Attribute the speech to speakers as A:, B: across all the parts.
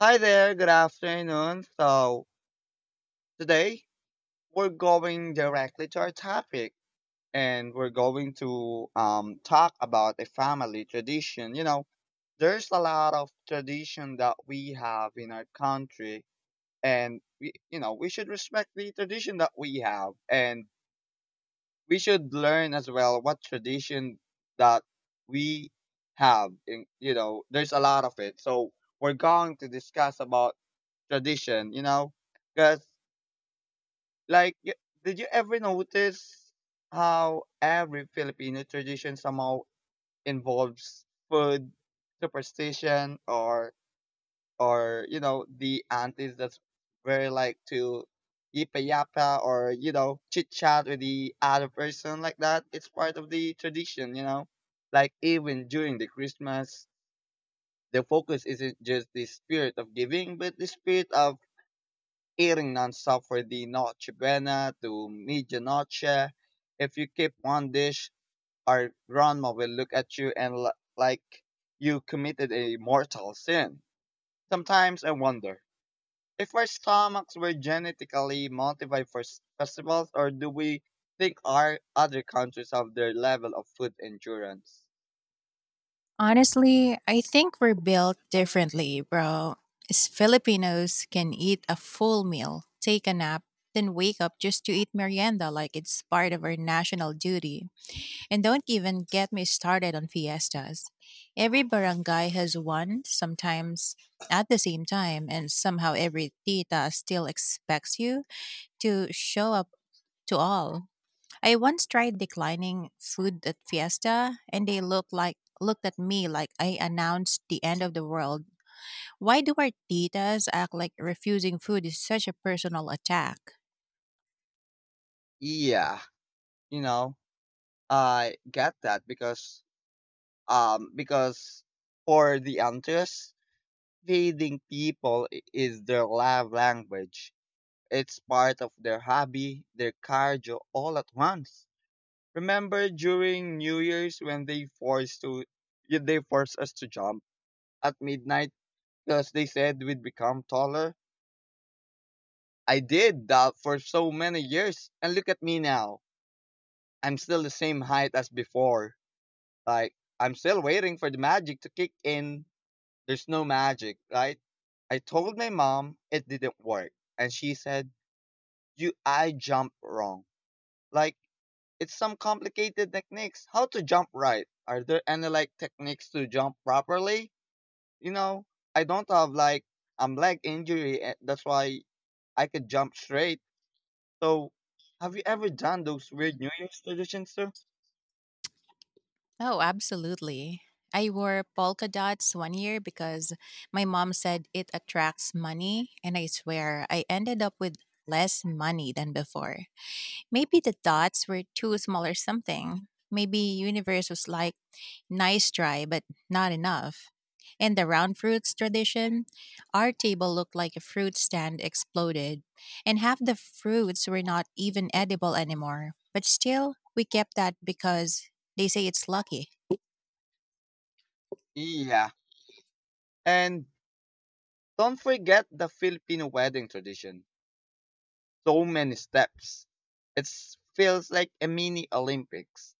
A: Hi there, good afternoon. So, today we're going directly to our topic, and we're going to talk about a family tradition. You know, there's a lot of tradition that we have in our country, and we, you know, we should respect the tradition that we have, and we should learn as well what tradition that we have. In, you know, there's a lot of it. So, we're going to discuss about tradition, you know, because Like, y- did you ever notice how every Filipino tradition somehow involves food, superstition, or you know the aunties that's very like to yipa or you know chit chat with the other person like that. It's part of the tradition, you know. Like even during the Christmas, the focus isn't just the spirit of giving, but the spirit of eating nonstop for the Noche Buena to medianoche. If you keep one dish, our grandma will look at you and like you committed a mortal sin. Sometimes I wonder if our stomachs were genetically modified for festivals, or do we think our other countries have their level of food endurance?
B: Honestly, I think we're built differently, bro. As Filipinos can eat a full meal, take a nap, then wake up just to eat merienda like it's part of our national duty. And don't even get me started on fiestas. Every barangay has one, sometimes at the same time, and somehow every tita still expects you to show up to all. I once tried declining food at Fiesta and they looked at me like I announced the end of the world. Why do our titas act like refusing food is such a personal attack?
A: Yeah, you know, I get that because for the Antilles, feeding people is their love language. It's part of their hobby, their cardio, all at once. Remember during New Year's when they forced to they forced us to jump at midnight because they said we'd become taller? I did that for so many years, and look at me now. I'm still the same height as before. Like I'm still waiting for the magic to kick in. There's no magic, right? I told my mom it didn't work, and she said you I jump wrong. Like it's some complicated techniques. How to jump right? Are there any like techniques to jump properly? You know, I don't have like leg injury. That's why I could jump straight. So, have you ever done those weird New Year's traditions too?
B: Oh, absolutely. I wore polka dots one year because my mom said it attracts money, and I swear I ended up with less money than before. Maybe the dots were too small or something. Maybe universe was like, "Nice try, but not enough." In the round fruits tradition, our table looked like a fruit stand exploded, and half the fruits were not even edible anymore. But still, we kept that because they say it's lucky.
A: Yeah, and don't forget the Filipino wedding tradition. So many steps. It feels like a mini Olympics.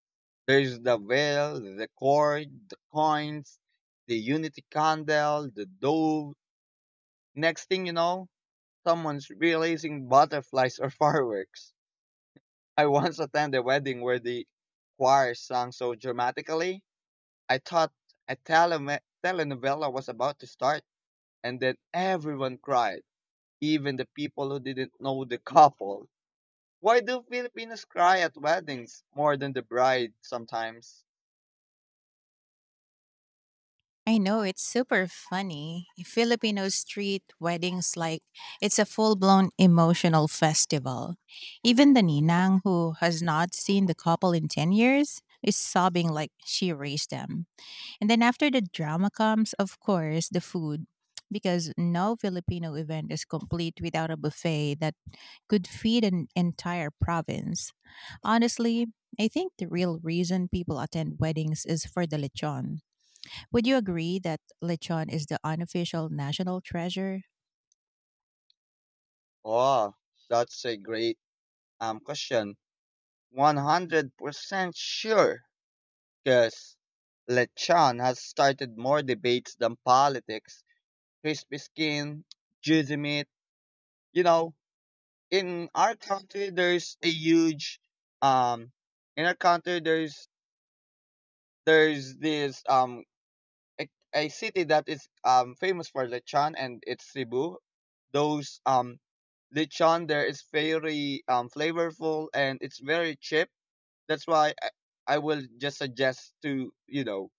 A: There's the veil, the cord, the coins, the unity candle, the dove. Next thing you know, someone's releasing butterflies or fireworks. I once attended a wedding where the choir sang so dramatically, I thought a telenovela was about to start, and then everyone cried, even the people who didn't know the couple. Why do Filipinos cry at weddings more than the bride sometimes?
B: I know it's super funny. Filipino street weddings like it's a full-blown emotional festival. Even the ninang who has not seen the couple in 10 years is sobbing like she raised them. And then after the drama comes, of course, the food, because no Filipino event is complete without a buffet that could feed an entire province. Honestly, I think the real reason people attend weddings is for the lechon. Would you agree that lechon is the unofficial national treasure?
A: Oh, that's a great question. 100% sure, because lechon has started more debates than politics. Crispy skin, juicy meat. You know, in our country, there's a huge um. In our country, there's this a city that is famous for lechon, and it's Cebu. Those lechon there is very flavorful, and it's very cheap. That's why I will just suggest to you know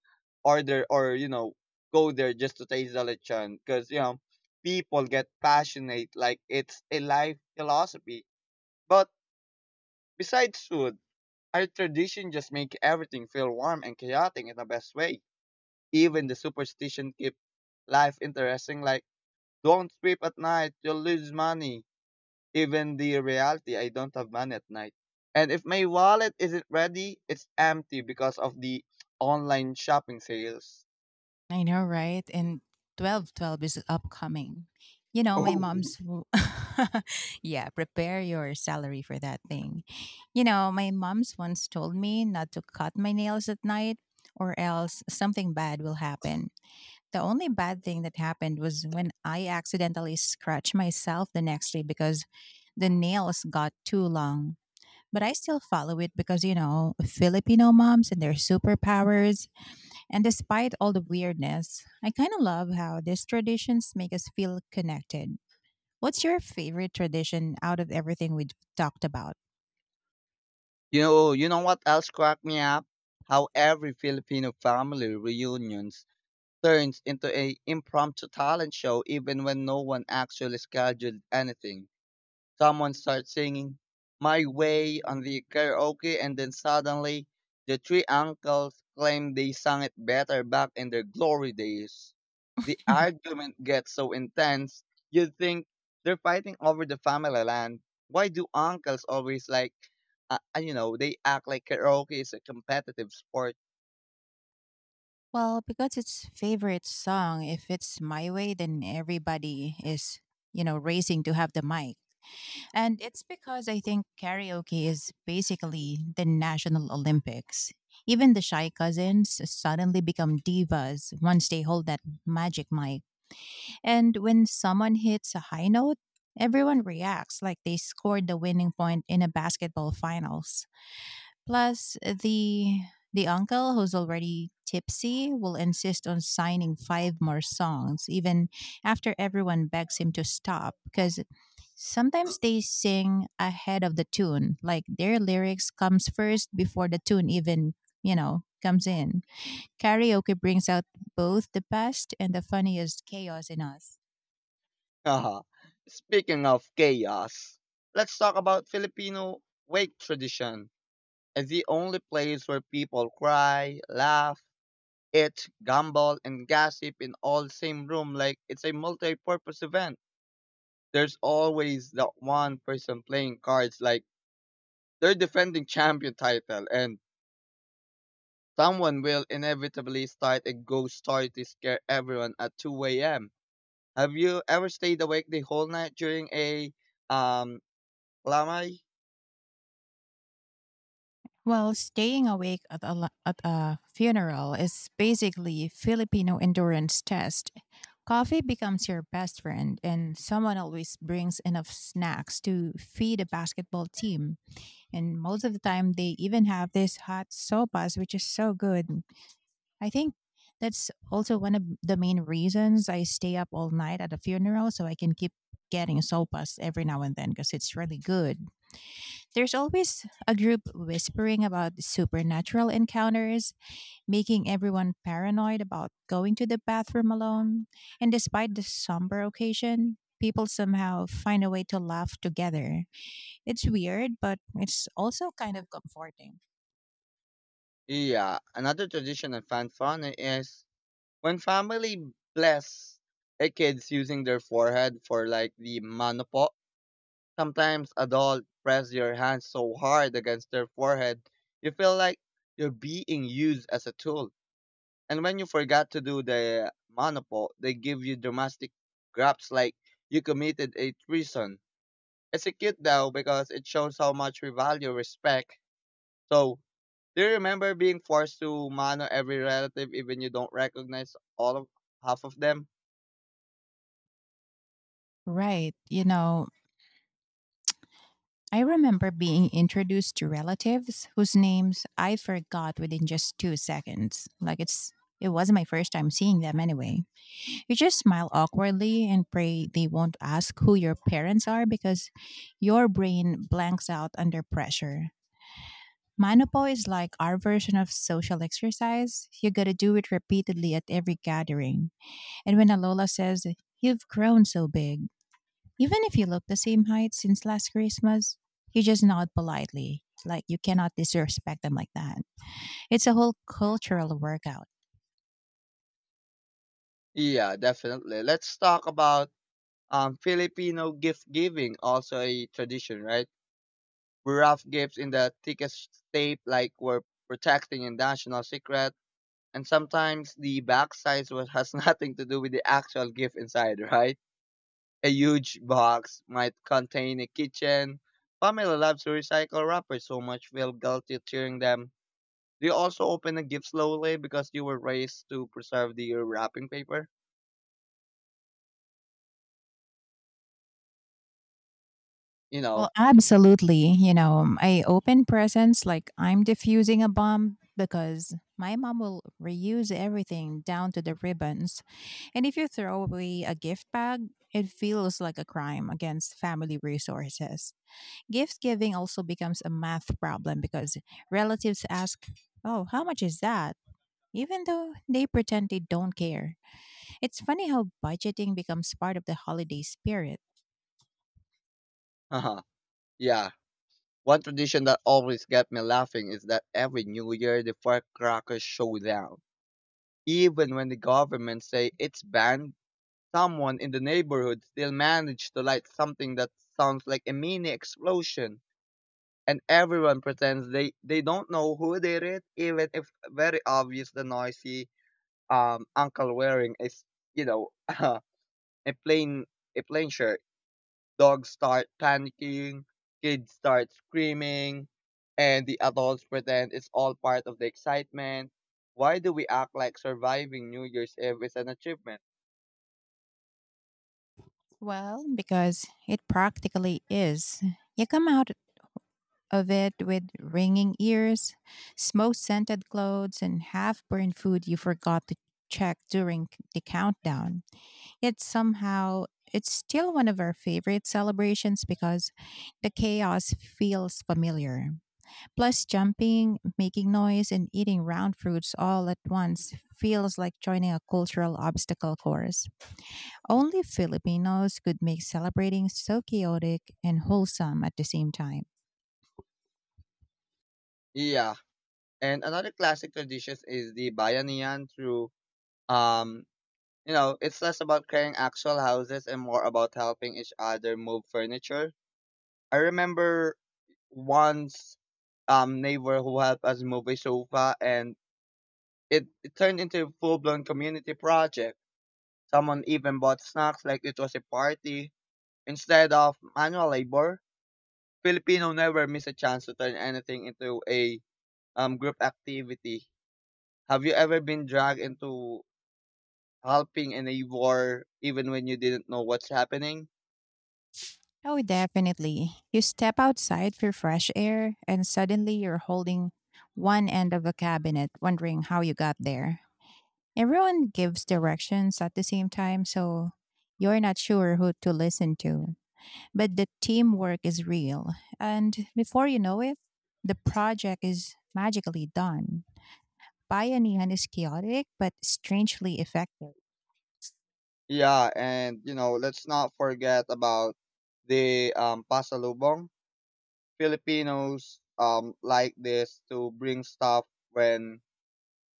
A: order or you know go there just to taste the lechon because you know people get passionate like it's a life philosophy. But besides food, our tradition just make everything feel warm and chaotic in the best way, even the superstition keep life interesting, like don't sweep at night, you'll lose money. Even the reality, I don't have money at night. And if my wallet isn't ready, it's empty because of the online shopping sales.
B: I know, right? And 1212 is upcoming. You know, my
A: Oh,
B: mom's w- Yeah, prepare your salary for that thing. You know, my mom's once told me not to cut my nails at night or else something bad will happen. The only bad thing that happened was when I accidentally scratched myself the next day because the nails got too long. But I still follow it because, you know, Filipino moms and their superpowers. And despite all the weirdness, I kind of love how these traditions make us feel connected. What's your favorite tradition out of everything we've talked about?
A: you know what else cracked me up? How every Filipino family reunions turns into a impromptu talent show even when no one actually scheduled anything. Someone starts singing My Way on the karaoke, and then suddenly the three uncles claim they sang it better back in their glory days. The argument gets so intense, you'd think they're fighting over the family land. Why do uncles always like, you know, they act like karaoke is a competitive sport?
B: Well, because it's favorite song, if it's my way, then everybody is, racing to have the mic. And it's because I think karaoke is basically the national Olympics. Even the shy cousins suddenly become divas once they hold that magic mic. And when someone hits a high note, everyone reacts like they scored the winning point in a basketball finals. Plus, the uncle who's already tipsy will insist on signing five more songs even after everyone begs him to stop, because sometimes they sing ahead of the tune like their lyrics comes first before the tune even, comes in. Karaoke brings out both the best and the funniest chaos in us.
A: Speaking of chaos, let's talk about Filipino wake tradition, and the only place where people cry, laugh, eat, gamble, and gossip in all same room like it's a multi-purpose event. There's always that one person playing cards like they're defending champion title, and someone will inevitably start a ghost story to scare everyone at 2 a.m. Have you ever stayed awake the whole night during a um lamay?
B: Well, staying awake at a, at a funeral is basically Filipino endurance test. Coffee becomes your best friend, and someone always brings enough snacks to feed a basketball team. And most of the time, they even have this hot sopas, which is so good. I think that's also one of the main reasons I stay up all night at a funeral, so I can keep getting sopas every now and then because it's really good. There's always a group whispering about supernatural encounters, making everyone paranoid about going to the bathroom alone. And despite the somber occasion, people somehow find a way to laugh together. It's weird, but it's also kind of comforting.
A: Yeah, another tradition I found fun is when family bless a kids using their forehead for like the manopo, sometimes adult press your hands so hard against their forehead, you feel like you're being used as a tool. And when you forgot to do the manopo, they give you dramatic grabs like you committed a treason. It's a cute though because it shows how much we value respect. So, do you remember being forced to mano every relative even you don't recognize all of half of them?
B: Right. You know, I remember being introduced to relatives whose names I forgot within just 2 seconds. Like it wasn't my first time seeing them anyway. You just smile awkwardly and pray they won't ask who your parents are because your brain blanks out under pressure. Manopo is like our version of social exercise. You gotta do it repeatedly at every gathering. And when Alola says, "You've grown so big," even if you look the same height since last Christmas, you just nod politely. Like you cannot disrespect them like that. It's a whole cultural workout.
A: Yeah, definitely. Let's talk about Filipino gift giving, also a tradition, right? We wrap gifts in the thickest tape, like we're protecting a national secret, and sometimes the back size was, has nothing to do with the actual gift inside, right? A huge box might contain a kitchen. Pamela loves to recycle wrappers so much, feel guilty tearing them. Do you also open the gift slowly because you were raised to preserve the wrapping paper? You
B: Well,
A: know,
B: absolutely. You know, I open presents like I'm diffusing a bomb because my mom will reuse everything down to the ribbons. And if you throw away a gift bag, it feels like a crime against family resources. Gift giving also becomes a math problem because relatives ask, "Oh, how much is that?" even though they pretend they don't care. It's funny how budgeting becomes part of the holiday spirit.
A: haha, yeah. One tradition that always gets me laughing is that every New Year the firecrackers show down. Even when the government say it's banned, someone in the neighborhood still managed to light something that sounds like a mini explosion. And everyone pretends they don't know who did it, even if very obvious the noisy uncle wearing is you know plain a plain shirt. Dogs start panicking, kids start screaming, and the adults pretend it's all part of the excitement. Why do we act like surviving New Year's Eve is an achievement?
B: Well, because it practically is. You come out of it with ringing ears, smoke scented clothes, and half burned food you forgot to check during the countdown. Yet somehow it's still one of our favorite celebrations because the chaos feels familiar. Plus, jumping, making noise, and eating round fruits all at once feels like joining a cultural obstacle course. Only Filipinos could make celebrating so chaotic and wholesome at the same time.
A: Yeah. And another classic tradition is the bayanihan through um you know, it's less about clearing actual houses and more about helping each other move furniture. I remember once neighbor who helped us move a sofa, and it turned into a full blown community project. Someone even bought snacks like it was a party. Instead of manual labor, Filipino never miss a chance to turn anything into a group activity. Have you ever been dragged into helping in a war even when you didn't know what's happening?
B: Oh, definitely. You step outside for fresh air, and suddenly you're holding one end of a cabinet, wondering how you got there. Everyone gives directions at the same time, so you're not sure who to listen to. But the teamwork is real. And before you know it, the project is magically done. Bayanihan is chaotic, but strangely effective.
A: Yeah, and you know, let's not forget about the pasalubong. Filipinos like this to bring stuff when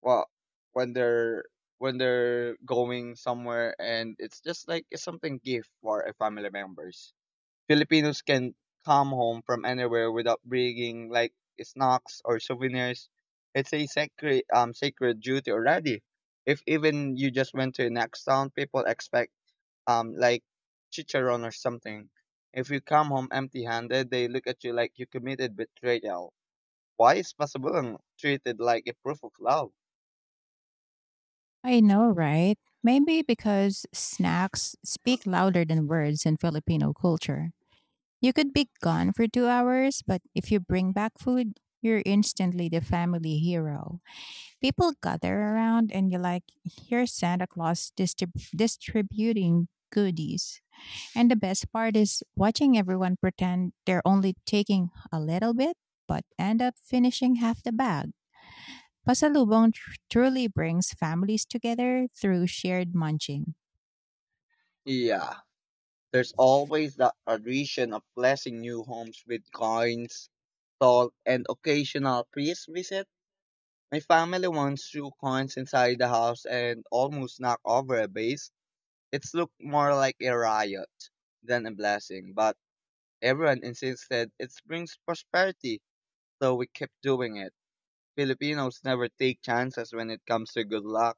A: well when they're when they're going somewhere, and it's just like it's something gift for a family members. Filipinos can come home from anywhere without bringing like snacks or souvenirs. It's a sacred sacred duty already. If even you just went to a next town, people expect like chicharon or something. If you come home empty handed, they look at you like you committed betrayal. Why is possible and treated like a proof of love?
B: I know, right? Maybe because snacks speak louder than words in Filipino culture. You could be gone for 2 hours, but if you bring back food, you're instantly the family hero. People gather around and you like hear Santa Claus distributing goodies. And the best part is watching everyone pretend they're only taking a little bit but end up finishing half the bag. Pasalubong truly brings families together through shared munching.
A: Yeah, there's always the addition of blessing new homes with coins, salt, and occasional priest visit. My family once threw coins inside the house and almost knocked over a vase. It looked more like a riot than a blessing, but everyone insisted it brings prosperity, so we kept doing it. Filipinos never take chances when it comes to good luck.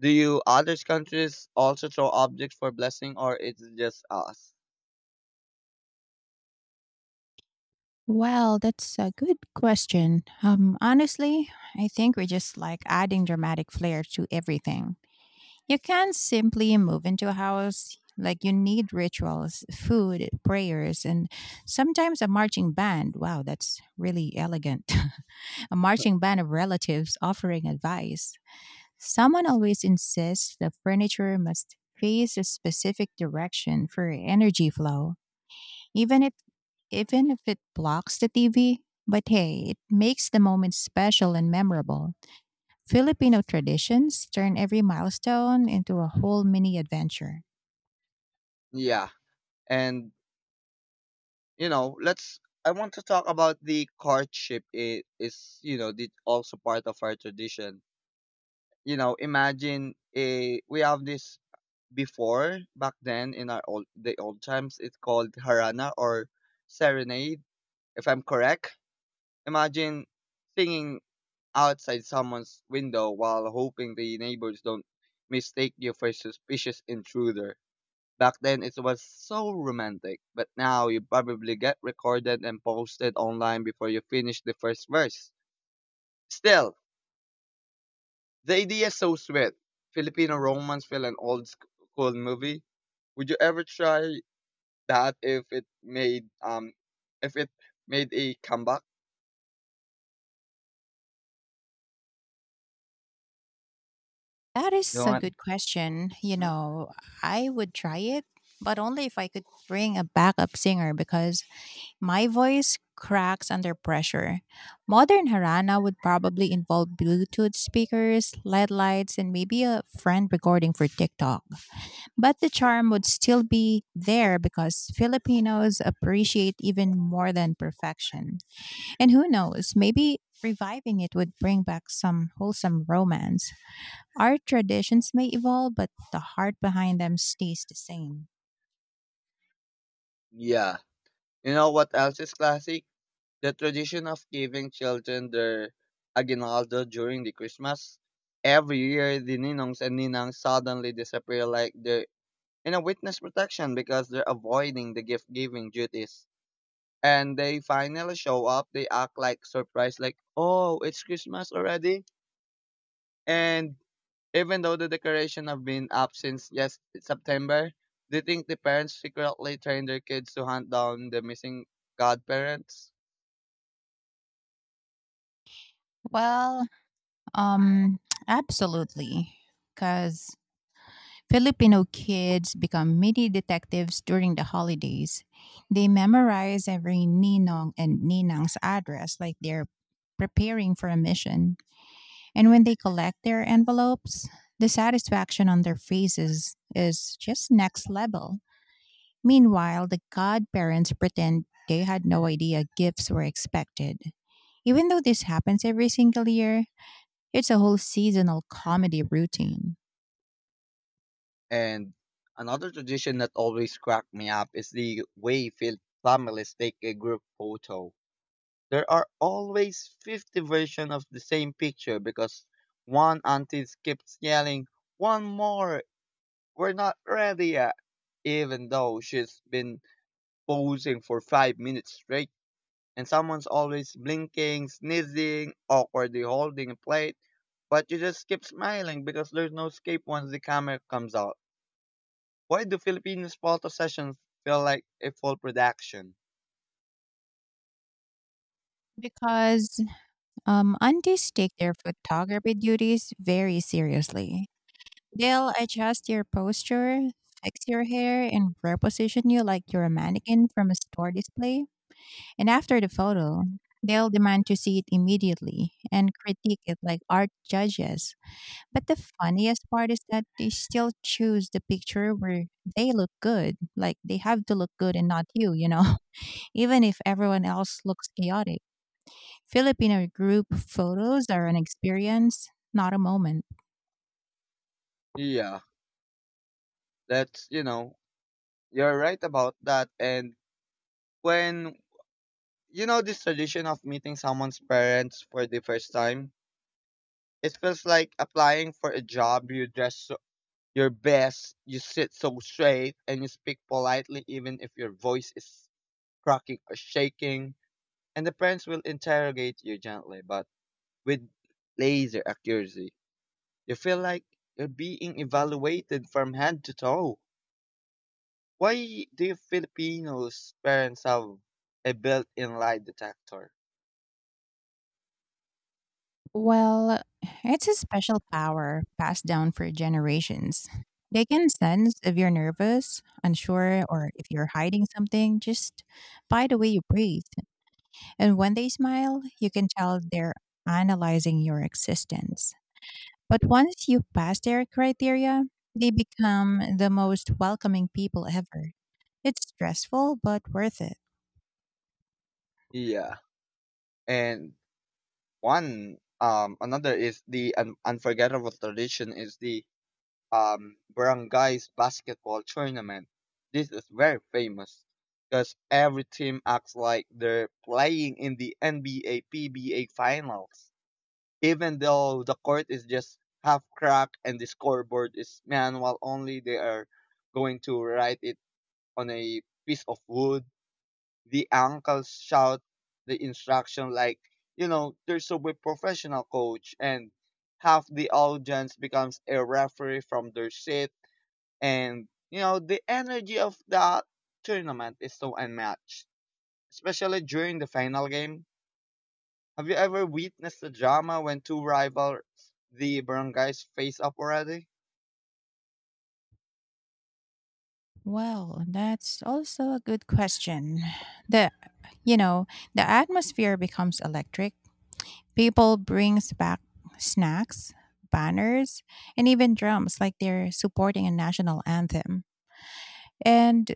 A: Do you others countries also throw objects for blessing, or it's just us?
B: Well, that's a good question. Honestly, I think we're just like adding dramatic flair to everything. You can't simply move into a house. Like you need rituals, food, prayers, and sometimes a marching band. Wow, that's really elegant. A marching band of relatives offering advice. Someone always insists the furniture must face a specific direction for energy flow, even if even if it blocks the TV. But hey, it makes the moment special and memorable. Filipino traditions turn every milestone into a whole mini adventure.
A: Yeah. And you know, let's. I want to talk about the courtship. It is, you know, the, also part of our tradition. You know, imagine a we have this before back then in our old the old times. It's called harana or serenade, if I'm correct. Imagine singing outside someone's window while hoping the neighbors don't mistake you for a suspicious intruder. Back then it was so romantic, but now you probably get recorded and posted online before you finish the first verse. Still, the idea is so sweet. Filipino romance feel an old school movie. Would you ever try that if it made a comeback?
B: That is
A: You know
B: a
A: what?
B: good question. You
A: Hmm?
B: know, I would try it, but only if I could bring a backup singer because my voice cracks under pressure. Modern Harana would probably involve Bluetooth speakers, LED lights, and maybe a friend recording for TikTok. But the charm would still be there because Filipinos appreciate even more than perfection. And who knows, maybe reviving it would bring back some wholesome romance. Our traditions may evolve, but the heart behind them stays the same.
A: Yeah. You know what else is classic? The tradition of giving children their aguinaldo during the Christmas. Every year, the ninongs and ninangs suddenly disappear like they're in a witness protection because they're avoiding the gift giving duties. And they finally show up, they act like surprised, like, oh, it's Christmas already. And even though the decoration have been up since yes September, they think the parents secretly train their kids to hunt down the missing godparents.
B: Well, um, absolutely. Because Filipino kids become mini detectives during the holidays. They memorize every ninong and ninang's address like they're preparing for a mission. And when they collect their envelopes, the satisfaction on their faces is just next level. Meanwhile, the godparents pretend they had no idea gifts were expected. Even though this happens every single year, it's a whole seasonal comedy routine.
A: And another tradition that always cracked me up is the way families take a group photo. There are always 50 versions of the same picture because one auntie keeps yelling, one more! We're not ready yet! Even though she's been posing for 5 minutes straight, and someone's always blinking, sneezing, awkwardly holding a plate, but you just keep smiling because there's no escape once the camera comes out. Why do Filipino photo sessions feel like a full production?
B: Because aunties take their photography duties very seriously. They'll adjust your posture, fix your hair, and reposition you like you're a mannequin from a store display. And after the photo, they'll demand to see it immediately and critique it like art judges. But the funniest part is that they still choose the picture where they look good. Like they have to look good and not you, you know? Even if everyone else looks chaotic. Filipino group photos are an experience, not a moment.
A: Yeah, that's you're right about that. And when, this tradition of meeting someone's parents for the first time, it feels like applying for a job. You dress your best, you sit so straight, and you speak politely, even if your voice is cracking or shaking. And the parents will interrogate you gently, but with laser accuracy. You feel like you're being evaluated from head to toe. Why do Filipinos parents have a built-in lie detector?
B: Well, it's a special power passed down for generations. They can sense if you're nervous, unsure, or if you're hiding something just by the way you breathe. And when they smile, you can tell they're analyzing your existence. But once you pass their criteria, they become the most welcoming people ever. It's stressful, but worth it.
A: Yeah, and one another is the un- unforgettable tradition is the barangay's basketball tournament. This is very famous because every team acts like they're playing in the NBA PBA finals. Even though the court is just half crack and the scoreboard is manual only, they are going to write it on a piece of wood. The uncles shout the instruction like, they're so a professional coach, and half the audience becomes a referee from their seat, and you know the energy of that tournament is so unmatched, especially during the final game. Have you ever witnessed a drama when two rival the barangays face up already?
B: Well, that's also a good question. The, you know, the atmosphere becomes electric. People brings back snacks, banners, and even drums like they're supporting a national anthem. And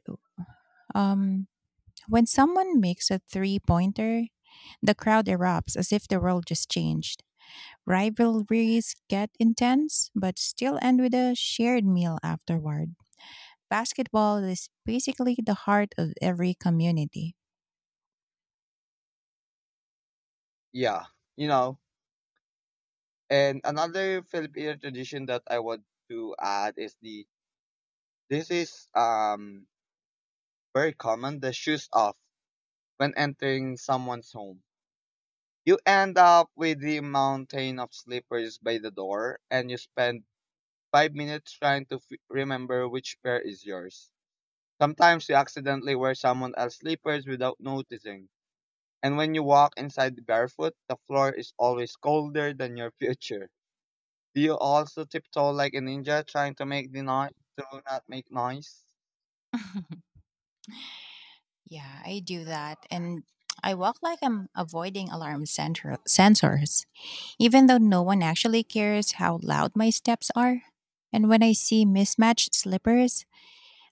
B: um when someone makes a three-pointer, the crowd erupts as if the world just changed. Rivalries get intense, but still end with a shared meal afterward. Basketball is basically the heart of every community.
A: Yeah, you know. And another Filipino tradition that I want to add is the this is very common, the shoes off when entering someone's home. You end up with the mountain of slippers by the door, and you spend five minutes trying to remember which pair is yours. Sometimes you accidentally wear someone else's slippers without noticing. And when you walk inside barefoot, the floor is always colder than your future. Do you also tiptoe like a ninja trying to make the noise to not make noise?
B: Yeah, I do that. And I walk like I'm avoiding alarm sensors, even though no one actually cares how loud my steps are. And when I see mismatched slippers,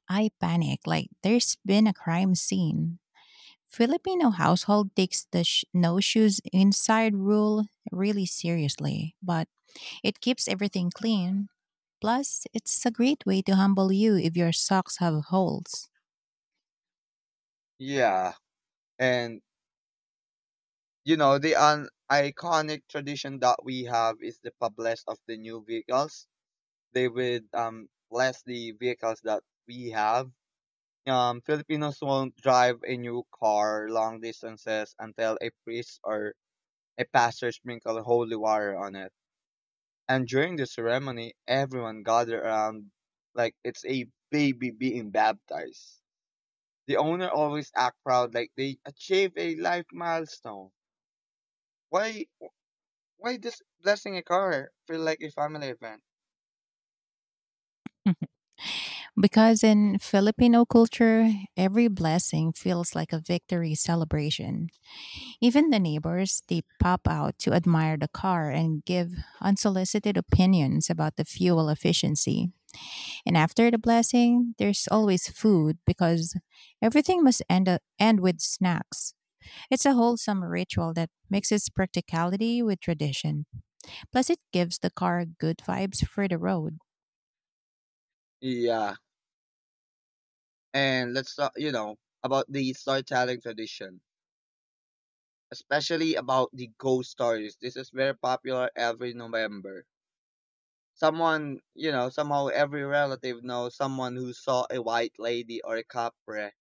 B: I panic like there's been a crime scene. Filipino household takes the no shoes inside rule really seriously, but it keeps everything clean. Plus, it's a great way to humble you if your socks have holes.
A: Yeah. And iconic tradition that we have is the publish of the new vehicles. They would bless the vehicles that we have. Filipinos won't drive a new car long distances until a priest or a pastor sprinkle holy water on it. And during the ceremony, everyone gathered around like it's a baby being baptized. The owner always act proud like they achieved a life milestone. Why why does blessing a car feel like a family event?
B: Because in Filipino culture, every blessing feels like a victory celebration. Even the neighbors, they pop out to admire the car and give unsolicited opinions about the fuel efficiency. And after the blessing, there's always food because everything must end with snacks. It's a wholesome ritual that mixes practicality with tradition. Plus, it gives the car good vibes for the road.
A: Yeah. And let's talk, you know, about the storytelling tradition, especially about the ghost stories. This is very popular every November. Somehow every relative knows someone who saw a white lady or a capre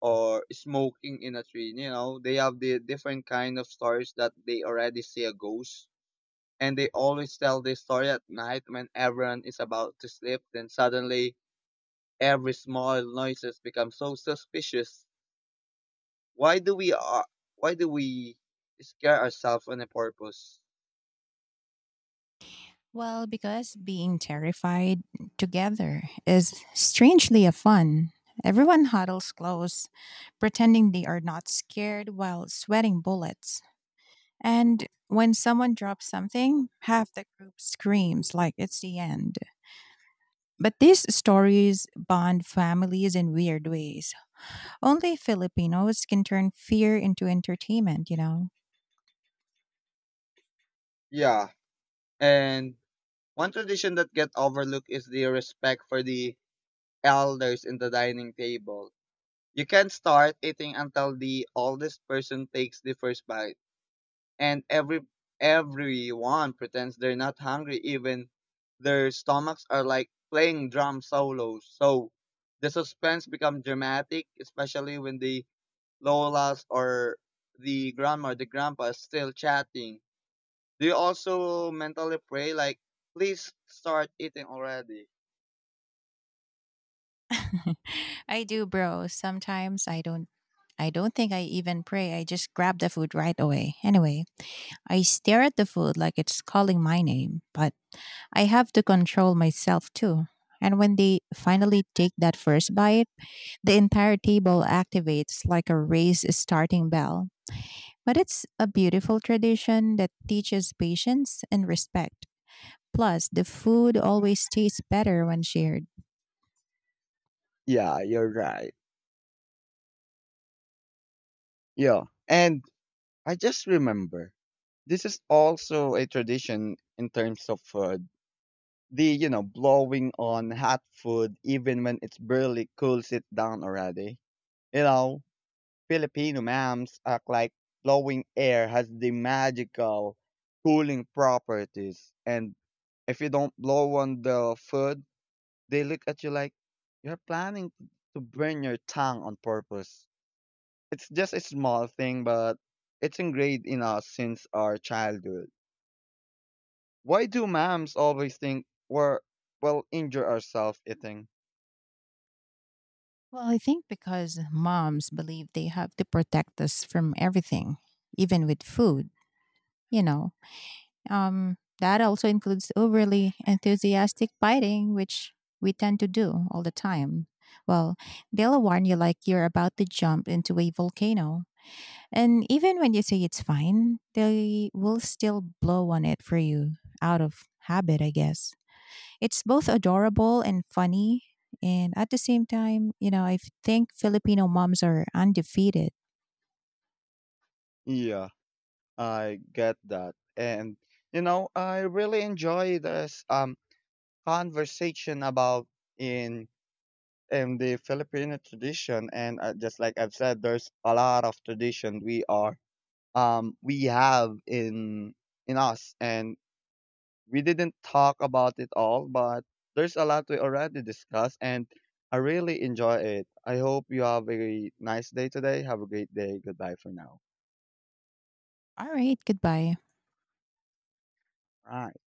A: or smoking in a tree. You know, they have the different kind of stories that they already see a ghost. And they always tell this story at night when everyone is about to sleep. Then suddenly every small noises become so suspicious. Why do we uh, why do we scare ourselves on a purpose?
B: Well, because being terrified together is strangely a fun. Everyone huddles close, pretending they are not scared while sweating bullets. And when someone drops something, half the group screams like it's the end. But these stories bond families in weird ways. Only Filipinos can turn fear into entertainment, you know?
A: Yeah. And one tradition that get overlooked is the respect for the elders in the dining table. You can't start eating until the oldest person takes the first bite, and everyone pretends they're not hungry, even their stomachs are like playing drum solos. So the suspense becomes dramatic, especially when the lolas, or the grandma or the grandpa, is still chatting. Do you also mentally pray like, please start eating already?
B: I do, bro. Sometimes I don't think I even pray. I just grab the food right away. Anyway, I stare at the food like it's calling my name, but I have to control myself too. And when they finally take that first bite, the entire table activates like a race starting bell. But it's a beautiful tradition that teaches patience and respect. Plus, the food always tastes better when shared.
A: Yeah, you're right. Yeah. And I just remember this is also a tradition in terms of food. The blowing on hot food even when it's barely cools it down already. You know, Filipino moms act like blowing air has the magical cooling properties, and if you don't blow on the food, they look at you like you're planning to burn your tongue on purpose. It's just a small thing, but it's ingrained in us since our childhood. Why do moms always think we're, well, injure ourselves eating?
B: Well, I think because moms believe they have to protect us from everything, even with food, you know. That also includes overly enthusiastic biting, which we tend to do all the time. Well, they'll warn you like you're about to jump into a volcano. And even when you say it's fine, they will still blow on it for you out of habit, I guess. It's both adorable and funny. And at the same time, I think Filipino moms are undefeated.
A: Yeah, I get that. And, you know, I really enjoy this conversation about in in the Filipino tradition. And just like I've said, there's a lot of tradition we have in us. And we didn't talk about it all, but there's a lot we already discussed, and I really enjoy it. I hope you have a nice day today. Have a great day. Goodbye for now.
B: All right, goodbye.
A: All right.